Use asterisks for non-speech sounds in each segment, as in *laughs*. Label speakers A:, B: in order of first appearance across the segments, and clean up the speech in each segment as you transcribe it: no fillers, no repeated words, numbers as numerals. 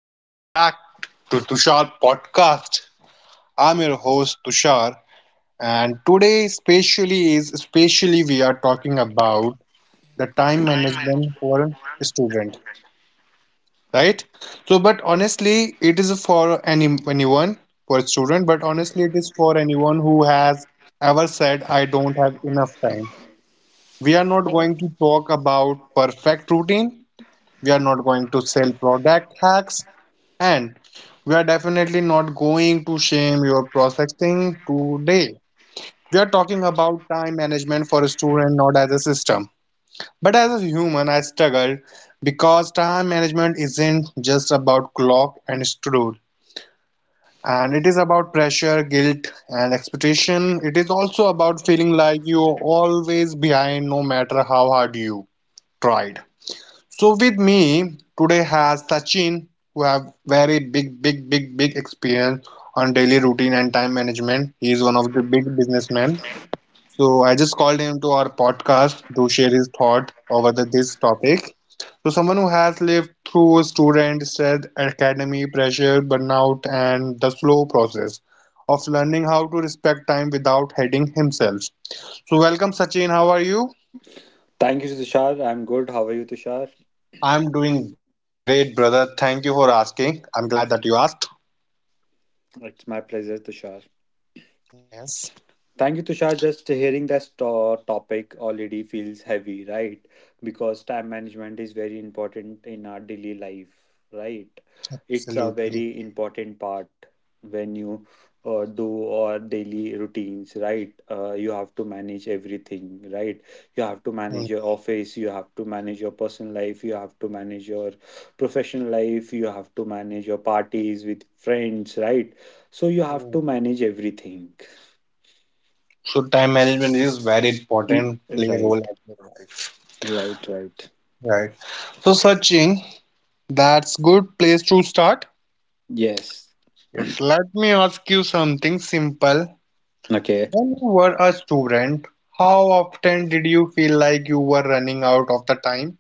A: Welcome back to Tushar Podcast. I'm your host Tushar, and today, especially we are talking about the time management for a student, right? So, but honestly, it is for anyone for a student, but honestly, it is for anyone who has ever said, "I don't have enough time." We are not going
B: Thank
A: to talk about perfect routine. We are not going to sell product hacks. And we are definitely not going to shame your processing today. We are talking about time management for a student, not as a system. But as a human, I struggled because time management isn't just about clock and schedule. And it is about pressure, guilt, and expectation. It is also about feeling like you are always behind no matter how hard you tried. So with me today has Sachin, who have very big, big, big, big experience on daily routine and time management. He is one of the big businessmen. So I just called him to our podcast to share his thought over this topic. So someone who has lived through student stress, academy pressure, burnout, and the slow process of learning how to respect time without hating himself. So welcome Sachin, how are you?
B: you, Tushar. I'm good. How are you, Tushar?
A: I'm doing great, brother. Thank you for asking. I'm glad that you asked.
B: It's my pleasure, Tushar.
A: Yes,
B: Thank you, Tushar. Just hearing this topic already feels heavy, right? Because time management is very important in our daily life, right? It's a
A: absolutely.
B: very important part when you do our daily routines, right? You have to manage everything, right? You have to
A: Mhm.
B: manage your office, you have to manage your personal life, you have to manage your professional life, you have to manage your parties with friends, right? So you have to manage everything.
A: So time management is very important, play a
B: Right,
A: role at your life.
B: right, right.
A: Right. So Sachin, that's good place to start.
B: Yes.
A: Yes, let me ask you something simple.
B: Okay.
A: When you were a student, how often did you feel like you were running out of the time?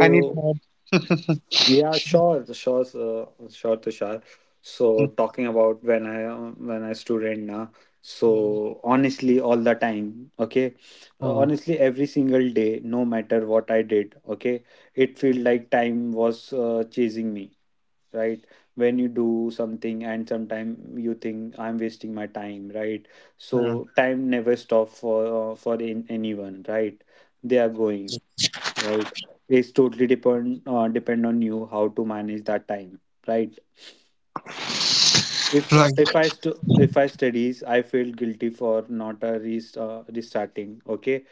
A: Any thought? *laughs*
B: yeah, sure, Tushar. So talking about when I student now.
A: Mm,
B: So honestly, all the time. Okay.
A: mm,
B: Honestly, every single day, no matter what I did. Okay, it felt like time was chasing me. Right, when you do something and sometime you think I'm wasting my time, right?
A: mm.
B: So time never stop for anyone, right? They are going, right? It's totally depend on you how to manage that time, right? if uh,
A: Right.
B: if i stu- if i studies, I feel guilty for not a rest restarting. Okay,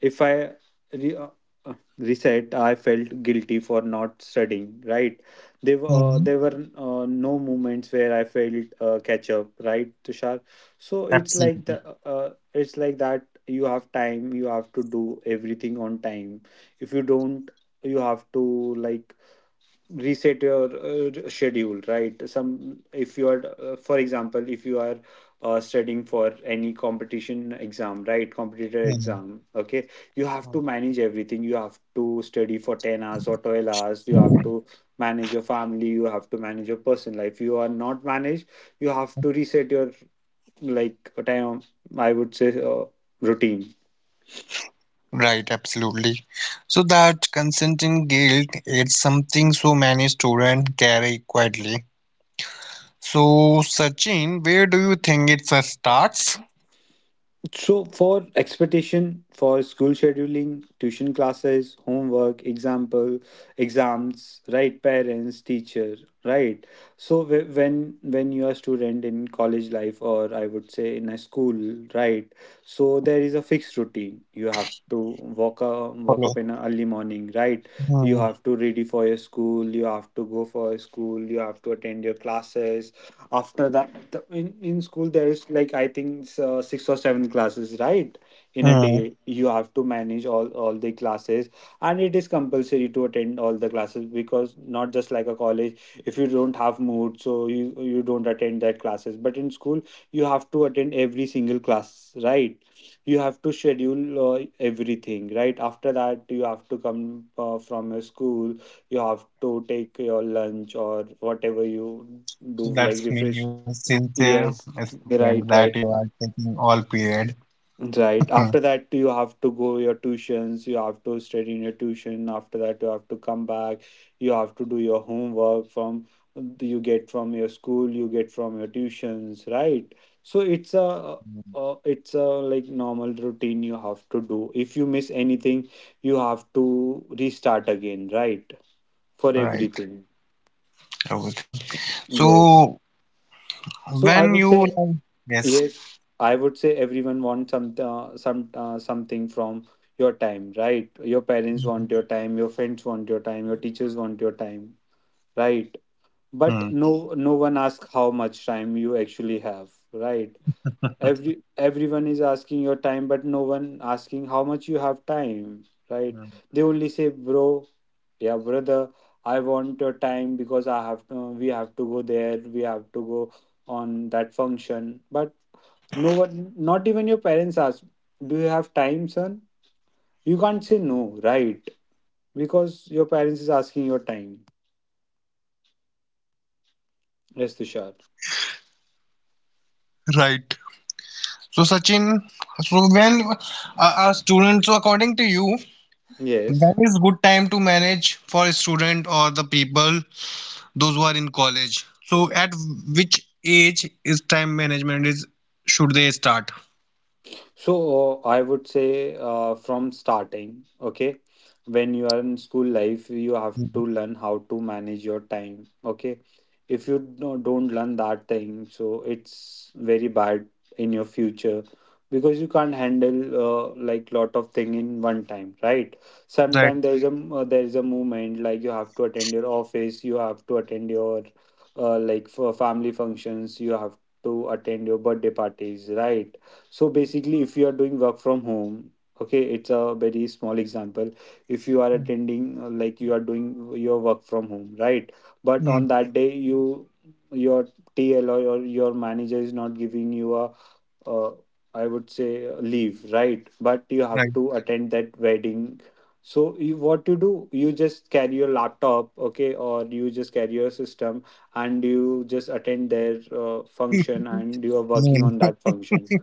B: if I re- uh, reset, I felt guilty for not studying. Right? There were
A: Mm,
B: no moments where I felt catch up. Right, Tushar. So it's like
A: absolutely.
B: the it's like that. You have time. You have to do everything on time. If you don't, you have to like reset your schedule, right? Some, if you are for example, if you are studying for any competition exam, right? Competitor exam. Okay, you have
A: Hmm,
B: to manage everything. You have to study for 10 hours or 12 hours. You have to manage your family, you have to manage your personal life. You are not managed, you have to reset your like time, I would say routine.
A: right, absolutely. So that consenting guilt is something so many students carry quietly. So Sachin, where do you think it first starts?
B: So, for expectation, for school scheduling, tuition classes, homework, example, exams, right? Parents, teacher, right? So, when you are student in college life, or I would say in a school, right? So there is a fixed routine. You have to walk up
A: Follow.
B: in a early morning, right? You
A: Hmm.
B: have to ready for your school. You have to go for your school. You have to attend your classes after that. In in school there is like, I think it's, six or seven classes, right? In a day,
A: Hmm.
B: you have to manage all the classes, and it is compulsory to attend all the classes, because not just like a college, if you don't have mood, so you don't attend that classes, but in school you have to attend every single class, right? You have to schedule everything, right? After that, you have to come from a school, you have to take your lunch or whatever you do,
A: So
B: like
A: that's mean
B: refresh.
A: you are sincere
B: Yes,
A: student
B: right,
A: that you
B: right,
A: are taking all period.
B: right. After
A: *laughs*
B: that, you have to go your tuitions, you have to study in your tuition, after that you have to come back, you have to do your homework from, you get from your school, you get from your tuitions, right? So it's a
A: Hmm.
B: uh, it's a like normal routine you have to do. If you miss anything, you have to restart again, right? For
A: Right,
B: everything.
A: everything.
B: Yes.
A: So
B: So I
A: when
B: would
A: you
B: say,
A: like, yes.
B: yes. I would say everyone wants something from your time, right? Your parents want your time, your friends want your time, your teachers want your time, right? But
A: Hmm.
B: no one asks how much time you actually have, right?
A: *laughs* Hmm.
B: Every everyone is asking your time, but no one asking how much you have time, right? They only say, bro, yeah, brother, I want your time, because we have to go there, we have to go on that function. But no one, not even your parents, ask, do you have time, son? You can't say no, right? Because your parents is asking your time. Yes, Tushar.
A: Right. So Sachin, so when a students, so according to you,
B: Yes.
A: that is good time to manage for student or the people those who are in college. So at which age is time management is should they start?
B: So, I would say from starting. Okay, when you are in school life, you have
A: Mhm.
B: to learn how to manage your time, okay. If you don't learn that thing, so it's very bad in your future, because you can't handle like lot of thing in one time, right?
A: Right.
B: Sometimes there's a movement like you have to attend your office, you have to attend your like for family functions, you have to attend your birthday parties, right? So basically, if you are doing work from home, okay, it's a very small example. If you are attending, like you are doing your work from home, right? But
A: Mm,
B: on that day, you, your TL or your manager is not giving you a, uh, I would say a leave, right? But you have
A: right.
B: to attend that wedding. So you, what you do? You just carry your laptop, okay, or you just carry your system, and you just attend their function, and
A: *laughs*
B: you are working on that function.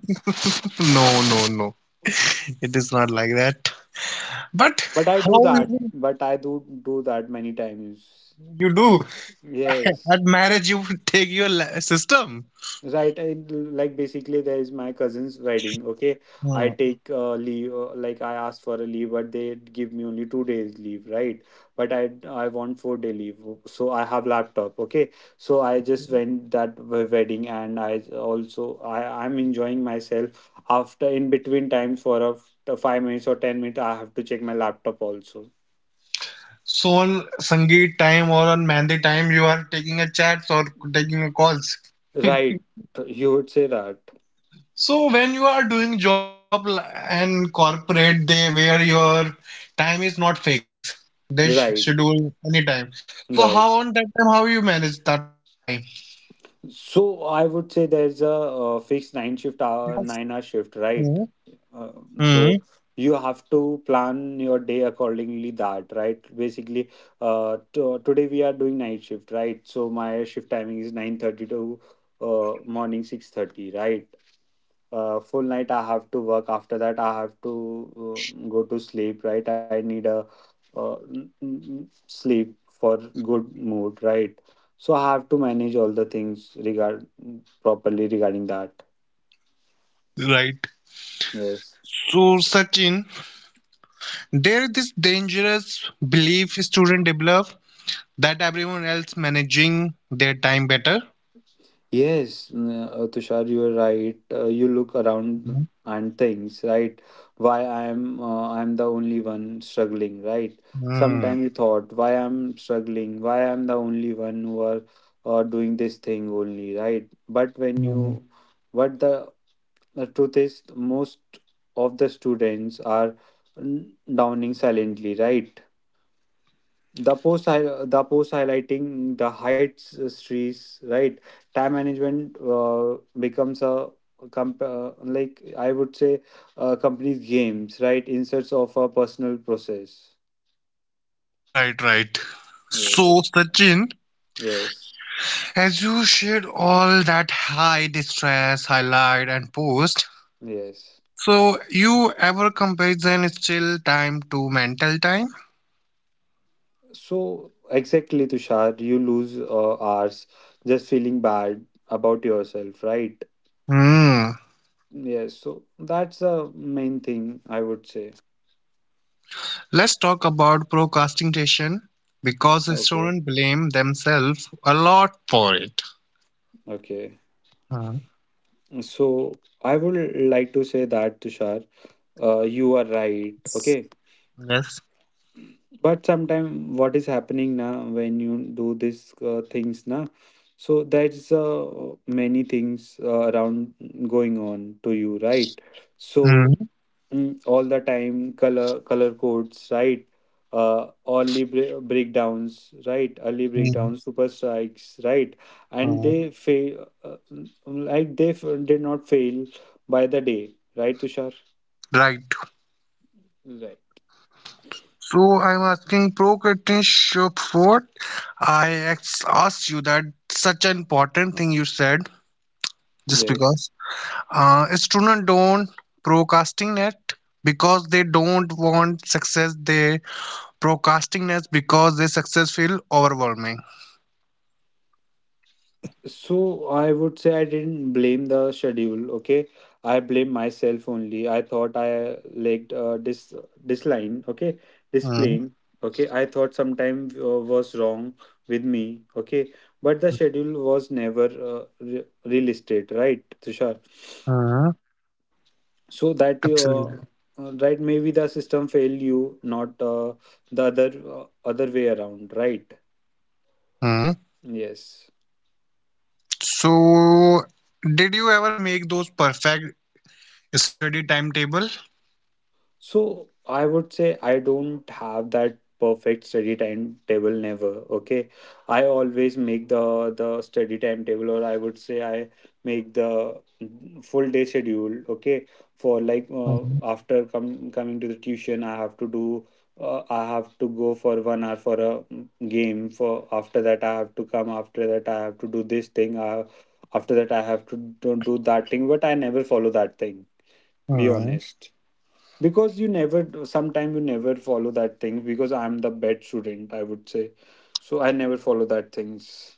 A: No, no, no, no. It is not like that. But
B: But I do
A: how
B: that.
A: you
B: But I do that many times.
A: you do *laughs*
B: Yes.
A: at marriage? You *laughs* take your system.
B: Right. I, like basically, there is my cousin's wedding. Okay. I
A: Hmm.
B: take leave. Like I asked for a leave, but they give me only 2 days leave. Right. But I want 4 day leave. So I have laptop. Okay. So I just went that wedding, and I also, I'm enjoying myself. After in between times for a 5 minutes or 10 minutes, I have to check my laptop also.
A: So on Sangeet time or on Mehndi time, you are taking a chats or taking a calls. *laughs*
B: Right. You would say that.
A: So when you are doing job l- and corporate, they where your time is not fixed. They
B: Right,
A: schedule any time. So
B: right.
A: how on that time how you manage the time?
B: So I would say there's a, fixed
A: Because
B: 9 hour shift,
A: Mhm.
B: right? Uh,
A: Mhm.
B: so you have to plan your day accordingly that, right? Basically, to today we are doing night shift, right? So my shift timing is 9:30 to morning 6:30, right? Full night I have to work, after that I have to uh, go to sleep, right? I need a uh, n- n- sleep for good mood, right? So I have to manage all the things regard, properly regarding that.
A: Right.
B: Yes.
A: So Sachin, there is this dangerous belief student develop that everyone else managing their time better.
B: Yes, Tushar, you are right. You look around
A: Mhm.
B: and things, right? Why I am, I am the only one struggling, right?
A: Mm.
B: Sometimes you thought, why I'm struggling? Why I'm the only one who are doing this thing only, right? But when you, what the truth is most of the students are mm, downing silently, right? The post highlighting the heights trees, right? Time management becomes a like I would say company's games, right? Instead of a personal process.
A: Right, right.
B: Yes,
A: So Sachin,
B: yes,
A: as you shared all that high distress, highlight, and post,
B: yes.
A: so you ever comparison still time to mental time?
B: So exactly, Tushar, you lose hours just feeling bad about yourself, right?
A: Hmm.
B: Yes, so that's the main thing, I would say.
A: Let's talk about procrastination because
B: Okay,
A: students blame themselves a lot for it.
B: okay.
A: Hmm.
B: So I would like to say that, Tushar, you are right. Okay,
A: Yes.
B: but sometime what is happening now when you do these things now? So there's many things around going on to you, right? So,
A: Hmm.
B: All the time color codes, right? Breakdowns, right? Early
A: Hmm.
B: breakdowns, super strikes, right? And
A: Hmm.
B: they fail, did not fail by the day, right, Tushar?
A: Right.
B: Right.
A: So I'm asking procrastination for. I asked you that such an important thing you said just
B: Yes.
A: because students don't procrastinate it because they don't want success they procrastinate because they success feel overwhelming.
B: So I would say I didn't blame the schedule. Okay, I blame myself only. I thought I lacked this line. Okay, this plane.
A: Mm,
B: Okay, I thought sometime was wrong with me. Okay, but the schedule was never relisted. Right, Tushar.
A: mm,
B: So that,
A: absolutely.
B: right, maybe the system failed you, not the other way around. Right.
A: Mm.
B: Yes.
A: So did you ever make those perfect study timetable?
B: So I would say I don't have that perfect study timetable never. Okay. I always make the study timetable, or I would say I make the full day schedule. Okay. For like
A: Mhm,
B: after coming to the tuition I have to do I have to go for 1 hour for a game, for after that I have to come, after that I have to do this thing, I, after that I have to do that thing, but I never follow that thing, be
A: mhm.
B: honest. Because you never, sometime you never follow that thing, because I'm the bad student, I would say. So I never follow that things.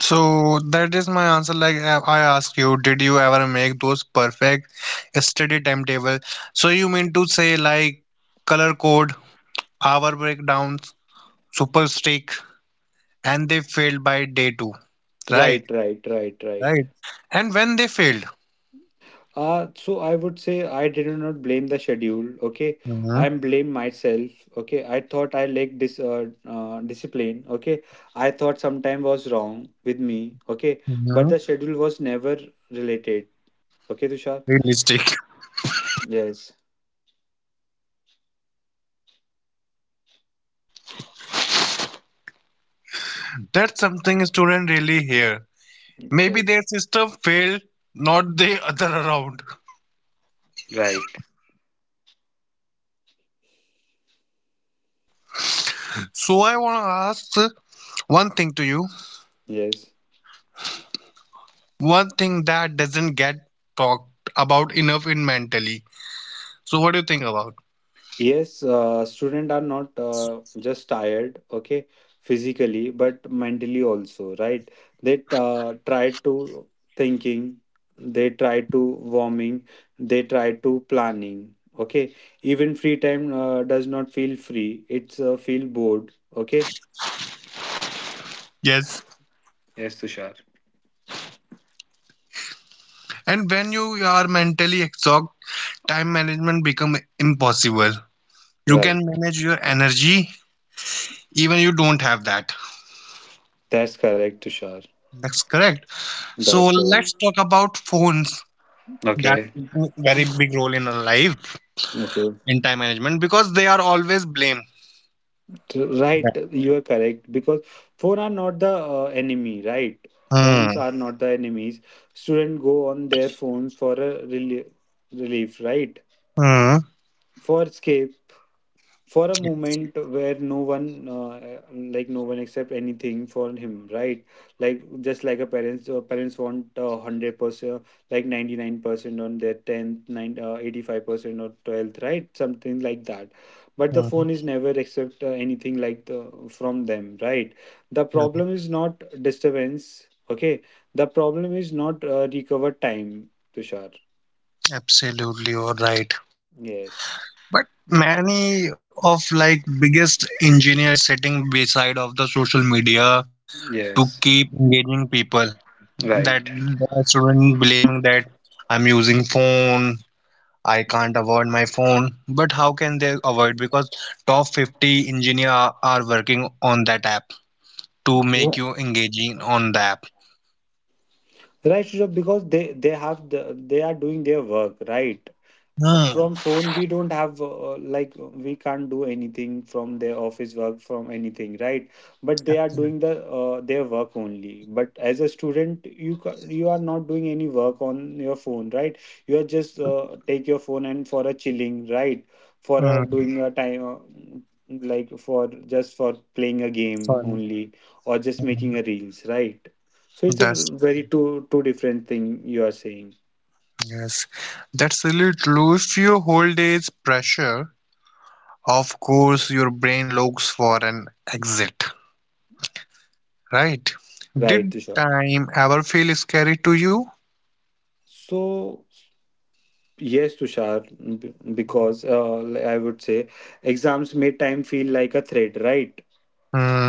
A: So that is my answer. Like I asked you did you ever make those perfect study timetable so you mean to say like color code hour breakdowns super streak and they failed by day two. Right,
B: Right, right, right, right.
A: right. And when they failed,
B: So I would say I did not blame the schedule. Okay,
A: hmm,
B: I'm blame myself. Okay, I thought I lacked this discipline. Okay, I thought sometime was wrong with me. Okay, but
A: hmm,
B: the schedule was never related. Okay, Tushar.
A: realistic.
B: Yes.
A: *laughs* That's something students really hear. Maybe
B: Right,
A: their system failed, not the other around.
B: right.
A: So I want to ask one thing to you,
B: Yes.
A: one thing that doesn't get talked about enough in mentally. So what do you think about?
B: Yes, students are not just tired, okay, physically, but mentally also, right? They try to thinking, they try to warming, they try to planning, okay? Even free time does not feel free, it's feel bored, okay?
A: Yes.
B: Yes, Tushar.
A: And when you are mentally exhausted, time management become impossible. You can
B: Right,
A: manage your energy, even you don't have that.
B: that's correct, Tushar.
A: That's correct. So
B: That's correct.
A: let's talk about phones that
B: Okay.
A: play a very big role in our life
B: Okay.
A: in time management because they are always blamed.
B: Right, you are correct because phone are not the enemy, right? Phones
A: Hmm.
B: are not the enemies. Students go on their phones for a relief, right?
A: Hmm.
B: For escape, for a
A: Yes.
B: moment where no one like no one accept anything for him, right? Like just like a parents, parents want 100% like 99% on their 10th 9 85% or 12th, right, something like that. But the phone
A: Hmm.
B: is never accept anything like the, from them, right? The problem is
A: Hmm.
B: not disturbance. Okay, the problem is not recover time, Tushar.
A: Absolutely, you're right.
B: Yes,
A: But many of like biggest engineers sitting beside of the social media to
B: yes,
A: keep engaging people. That
B: right.
A: the student blaming that I'm using phone, I can't avoid my phone. But how can they avoid? Because top 50 engineer are working on that app to make you engaging on the app.
B: Right, Rishabh, because they have the, they are doing their work, right?
A: Hmm.
B: From phone we don't have like we can't do anything from their office work from anything, right? But they are doing
A: Absolutely.
B: the their work only. But as a student, you you are not doing any work on your phone, right? You are just take your phone and for a chilling, right? For a
A: Hmm.
B: doing a time like for just for playing a game
A: Fun.
B: only, or just
A: Hmm.
B: making a reels, right? So it's a
A: That's
B: very two different thing you are saying,
A: yes. That's really true. If your whole day is pressure, of course your brain looks for an exit, right?
B: right,
A: Did
B: Tushar?
A: time ever feel scary to you?
B: So yes, Tushar, because I would say exams make time feel like a threat, right?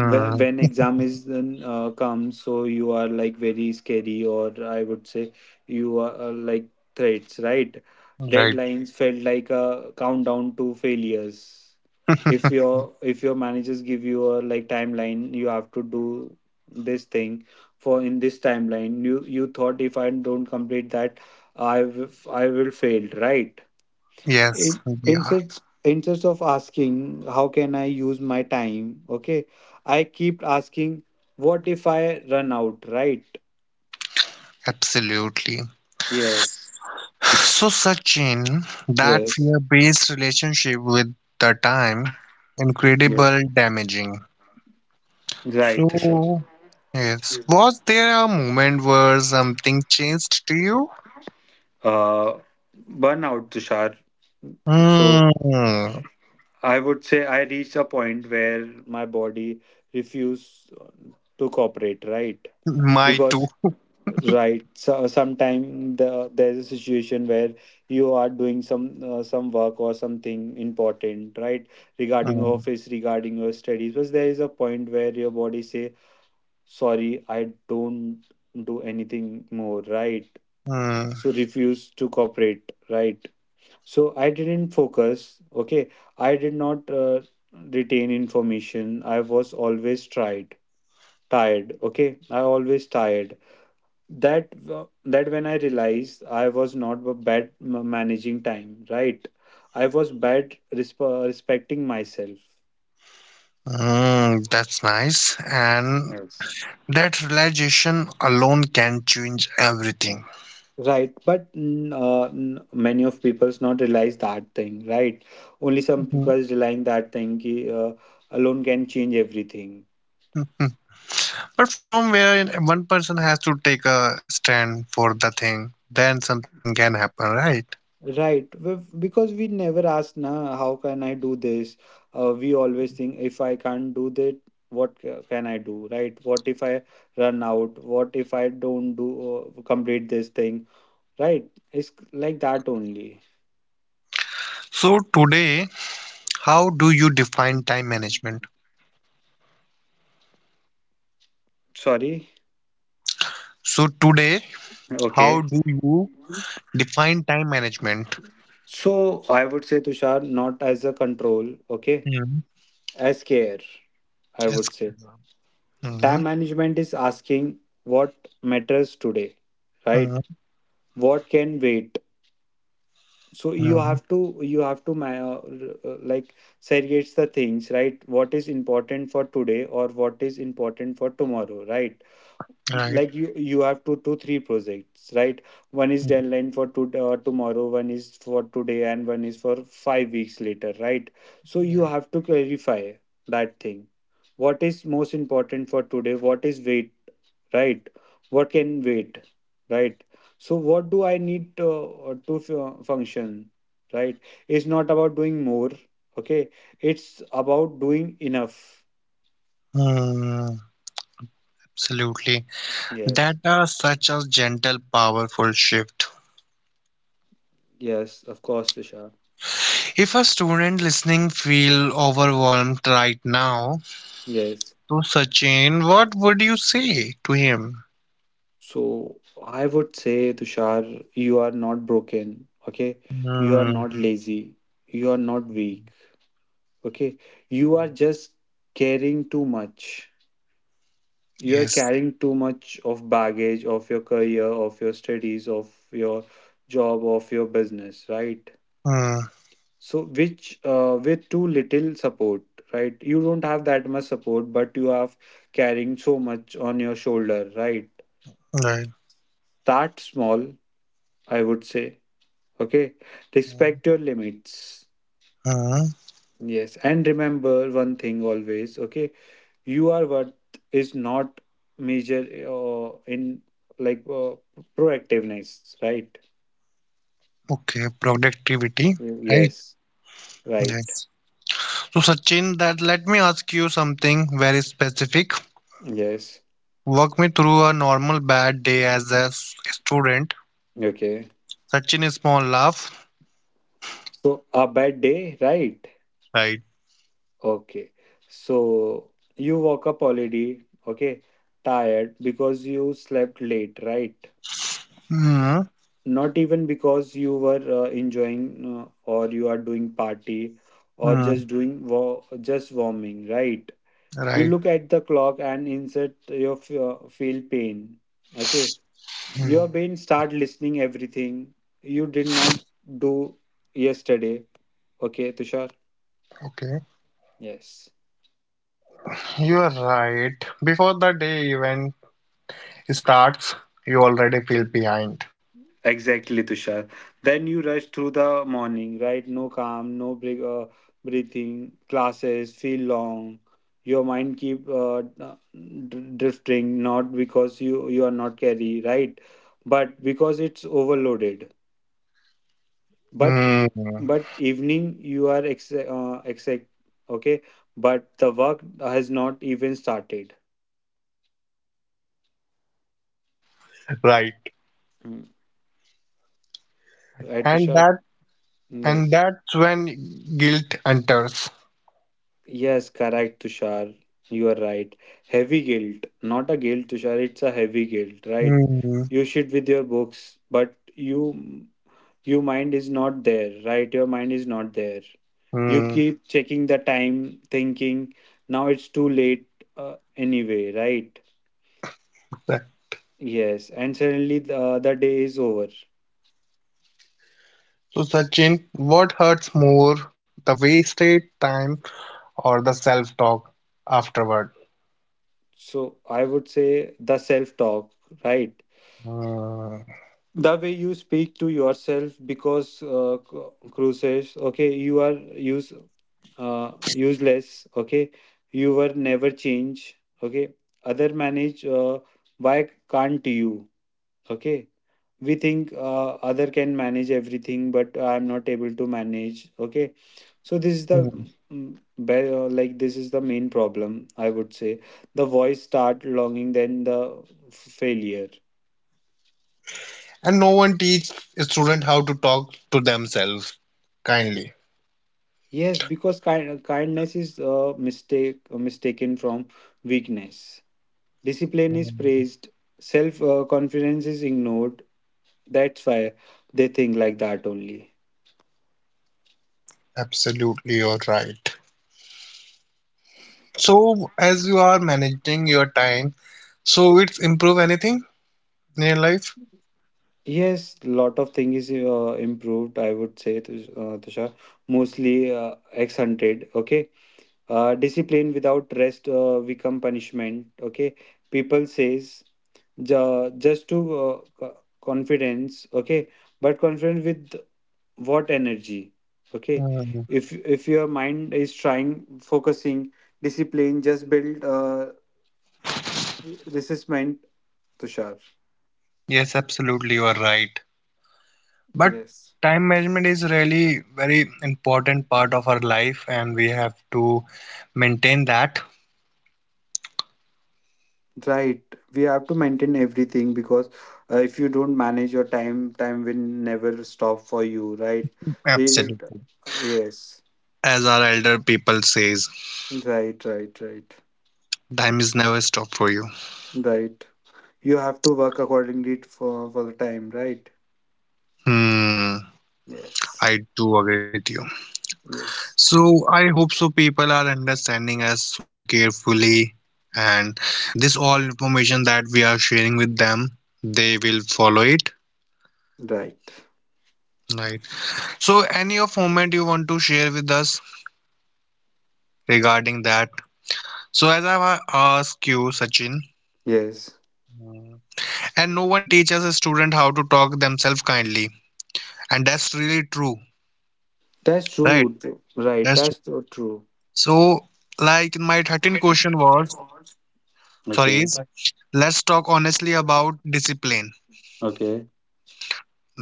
B: When, when exam is then comes, so you are like very scary, or I would say you are like threats, right?
A: Right.
B: Deadlines felt like a countdown to failures.
A: *laughs*
B: If your managers give you a like timeline, you have to do this thing for in this timeline. You thought if I don't complete that, I will fail, right?
A: Yes,
B: in
A: we are.
B: instead instead of asking how can I use my time. Okay, I keep asking, what if I run out, right?
A: Absolutely.
B: Yes.
A: So, Sachin, that
B: Yes.
A: fear based relationship with the time,
B: Yes.
A: incredible damaging.
B: Right, Tushar.
A: So, yes, was there a moment where something changed to you?
B: Uh, Burnout, Tushar. So
A: Hmm,
B: I would say I reached a point where my body refused to cooperate, right?
A: my too.
B: Because right. So sometime the, there's a situation where you are doing some work or something important, right? Regarding your
A: Hmm,
B: office, regarding your studies, but there is a point where your body say, "Sorry, I don't do anything more," right?
A: hmm,
B: So refuse to cooperate, right? So I didn't focus. Okay, I did not retain information. I was always tried tired. Okay, I always tired. That that when I realized I was not bad managing time, right? I was bad respecting myself.
A: hmm, that's nice. And
B: Yes.
A: that realization alone can change everything.
B: Right, but many of people's not realize that thing, right? Only
A: Hmm.
B: some people's relying that thing ki, alone can change everything.
A: Hmm. But from where one person has to take a stand for the thing, then something can happen, right?
B: Right, we because we never ask, na, how can I do this? We always think, if I can't do that, what can I do? Right? What if I run out? What if I don't do complete this thing? Right? It's like that only.
A: So today, how do you define time management?
B: Sorry.
A: So today, how
B: Okay.
A: do you define time management?
B: So I would say, Tushar, not as a control, okay,
A: Mm,
B: as care. I would
A: yes.
B: say time
A: Mm-hmm.
B: management is asking what matters today, right?
A: Hmm.
B: What can wait? So
A: Hmm.
B: you have to like segregate the things, right? What is important for today or what is important for tomorrow, right? Like
A: Right.
B: you have 2 to 3 projects, right? One is
A: Mm,
B: deadline for tomorrow, one is for today, and one is for 5 weeks later, right? So you have
A: right.
B: to clarify that thing, what is most important for today, what is wait, right, what can wait, right? So what do I need to function, right? It's not about doing more. Okay, it's about doing enough.
A: Mm, absolutely.
B: Yes.
A: That are such a gentle, powerful shift.
B: Yes, of course, Tushar.
A: If a student listening feel overwhelmed right now,
B: Yes,
A: so Sachin, what would you say to him?
B: so I would say, Tushar, you are not broken. Okay, you are
A: Mm,
B: not lazy, you are not weak. Okay, you are just caring too much. You are
A: yes.
B: carrying too much of baggage of your career, of your studies, of your job, of your business, right?
A: Mm,
B: So which with too little support, right? You don't have that much support, but you have carrying so much on your shoulder, right?
A: right.
B: Start small, I would say. Okay,
A: Hmm.
B: respect your limits.
A: Hmm.
B: Yes, and remember one thing always. Okay, your worth is not measured in like proactiveness, right?
A: Okay, productivity,
B: Mm,
A: right?
B: yes. Right.
A: Yes. So, Sachin, that let me ask you something very specific.
B: Yes.
A: Walk me through a normal bad day as a student.
B: Okay,
A: Sachin, a small laugh.
B: so a bad day, right?
A: Right.
B: Okay, so you woke up already, okay, tired because you slept late, right?
A: Hmm.
B: Not even because you were enjoying, or you are doing party, or just
A: Hmm.
B: doing just warming, right? You look
A: Right.
B: at the clock and insert your feel pain. Okay, your
A: Hmm.
B: brain start listening everything you did not do yesterday. Okay, Tushar.
A: Okay.
B: Yes,
A: You are right. Before the day even starts, you already feel behind.
B: exactly, Tushar. Then you rush through the morning, right? No calm, no break, breathing classes feel long. Your mind keep drifting, not because you are not carry, right, but because it's overloaded. but
A: Hmm.
B: but evening you are exact. Okay, but the work has not even started.
A: Right.
B: Hmm. Right,
A: And
B: Tushar.
A: that and
B: Yes.
A: that's when guilt enters.
B: Yes, correct, Tushar, you are right. Heavy guilt, not a guilt, Tushar, it's a heavy guilt, right?
A: Hmm.
B: You sit with your books, but you your mind is not there, right? Your mind is not there. You
A: Hmm.
B: keep checking the time, thinking, now it's too late, anyway, right? Yes, and suddenly the day is over.
A: So Sachin, what hurts more, the wasted time or the self-talk afterward?
B: So I would say the self talk, right?
A: Hmm.
B: The way you speak to yourself because cruises, okay, you are use useless, okay, you were never change, okay, other manage, why can't you, okay? We think other can manage everything, but I'm not able to manage. Okay, so this is the mm, like this is the main problem, I would say. The voice start longing then the f- failure.
A: And no one teach a student how to talk to themselves kindly.
B: Yes, because kindness is mistaken from weakness. Discipline is
A: Hmm.
B: praised, self confidence is ignored. That's why they think like that only.
A: Absolutely, you're right. So as you are managing your time, so it's improve anything in your life?
B: Yes, lot of things improved, I would say, Tushar. Mostly ex-hunted. Okay, discipline without rest become punishment. Okay, people says just to confidence. Okay, but confidence with what energy? Okay,
A: Hmm.
B: if your mind is trying focusing discipline, just build resistment, Tushar.
A: Yes, absolutely, you are right. But
B: Yes.
A: time management is really very important part of our life and we have to maintain that.
B: Right, we have to maintain everything because if you don't manage your time, time will never stop for you, right? They,
A: Absolutely.
B: yes,
A: As our elder people says
B: right, right, right,
A: time is never stop for you.
B: right. You have to work accordingly for the time, right?
A: Hmm, I
B: Yes,
A: do agree with you.
B: yes,
A: So I hope so people are understanding us so carefully and this all information that we are sharing with them they will follow it,
B: right,
A: right? So any of moment you want to share with us regarding that. So as I ask you, Sachin,
B: yes.
A: Mm. And no one teaches a student how to talk themselves kindly, and that's really true,
B: That's
A: right?
B: true, right?
A: That's true.
B: That's so true.
A: So, like my 13th question was, sorry,
B: Okay,
A: is let's talk honestly about discipline.
B: okay.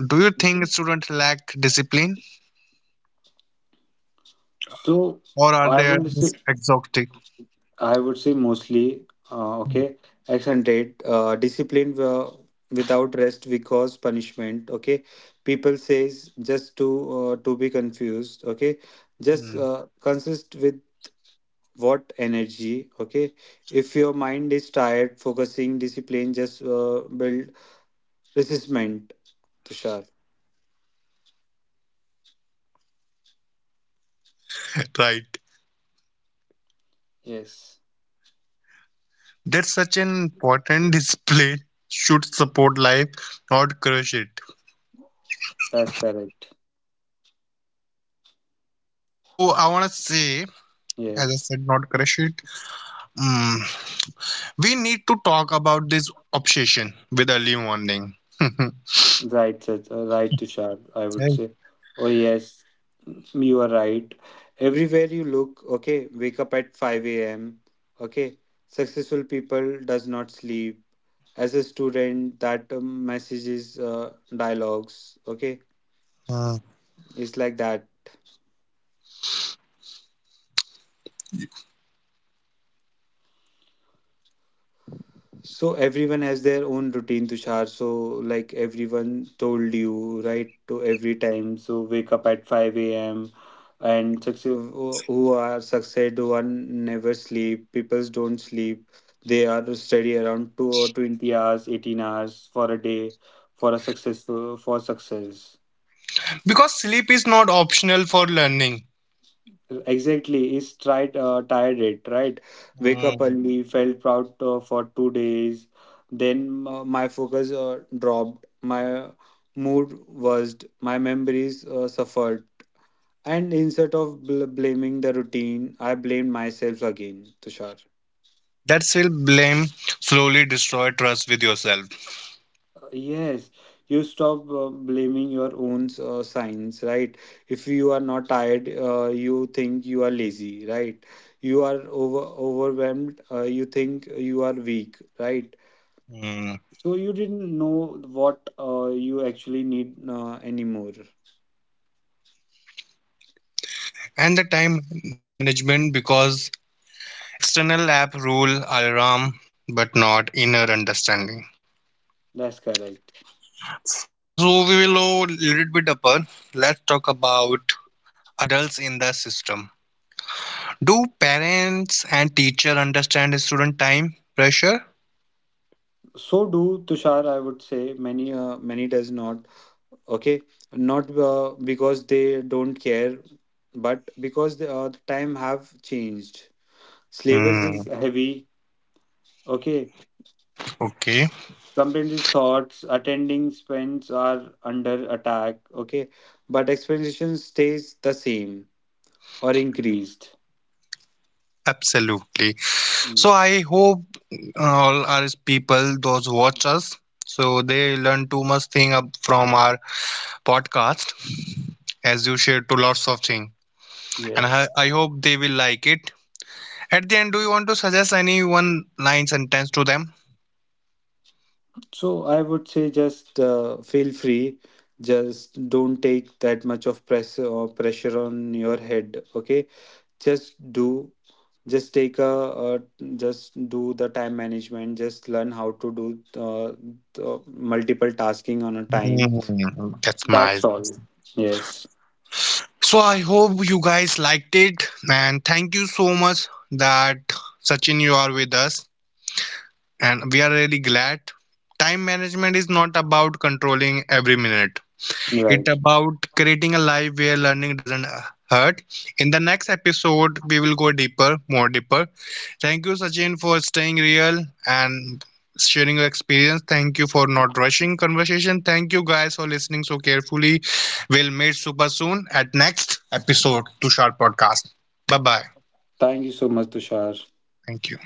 A: Do you think students lack discipline,
B: So
A: or are
B: I
A: they
B: will say
A: just exhausted?
B: I would say mostly, okay, accented, discipline without rest because punishment. Okay, people says just to be confused. Okay, just
A: Mm.
B: consist with what energy. Okay, if your mind is tired, focusing discipline just build resistment. Tushar.
A: *laughs* Right.
B: Yes,
A: That's such an important *laughs* display should support life, not crush it.
B: that's correct.
A: So I wanna say, as I
B: Yes.
A: said, not crush it. Mm, we need to talk about this obsession with early morning. *laughs*
B: Right, right, Tushar, I would
A: Right.
B: say. Oh, yes, you are right. Everywhere you look, okay, wake up at 5 a.m., okay, successful people does not sleep. As a student, that messages, dialogues, okay,
A: Mm.
B: it's like that. So everyone has their own routine, Tushar. So like everyone told you, right? To every time, so wake up at five a.m. and success who are success who are never sleep. People don't sleep. They are study around 2 or 20 hours, 18 hours for a day for a successful for success.
A: Because sleep is not optional for learning.
B: Exactly, is tried tired it, right? Wake up
A: Mm.
B: early, felt proud for 2 days. Then my focus dropped, my mood worsened, my memories suffered, and instead of blaming the routine, I blamed myself again, Tushar.
A: That self blame slowly destroy trust with yourself.
B: Yes, you stop blaming your own signs, right? If you are not tired, you think you are lazy, right? You are overwhelmed, you think you are weak, right?
A: Mm.
B: So you didn't know what you actually need anymore.
A: And the time management because external app rule alarm but not inner understanding.
B: That's correct.
A: So we will go a little bit upper. Let's talk about adults in the system. Do parents and teacher understand student time pressure?
B: So do, Tushar, I would say many many does not. Okay, not because they don't care, but because the time have changed. Slavers is
A: Hmm,
B: heavy. Okay.
A: okay,
B: Complaint is thoughts. Attending spends are under attack. Okay. But expectation stays the same or increased.
A: absolutely. So
B: Mm.
A: I hope all our people, those who watch us, so they learn too much thing up from our podcast, as you shared to lots of thing, and I,
B: Yes.
A: I hope they will like it. At the end, do you want to suggest any one line sentence to them?
B: So I would say just feel free. Just don't take that much of press or pressure on your head. Okay. Just do. Just take a. Uh, just do the time management. Just learn how to do uh, the multiple tasking on a time.
A: Hmm, that's
B: That's
A: nice.
B: all. Yes,
A: So I hope you guys liked it, and thank you so much that Sachin you are with us. And we are really glad. Time management is not about controlling every minute. It's
B: right.
A: about creating a life where learning doesn't hurt. In the next episode, we will go deeper, more deeper. Thank you, Sachin, for staying real and sharing your experience. Thank you for not rushing conversation. Thank you guys for listening so carefully. We'll meet super soon at next episode to Sharp Podcast. Bye bye.
B: Thank you so much, Tushar.
A: Thank you.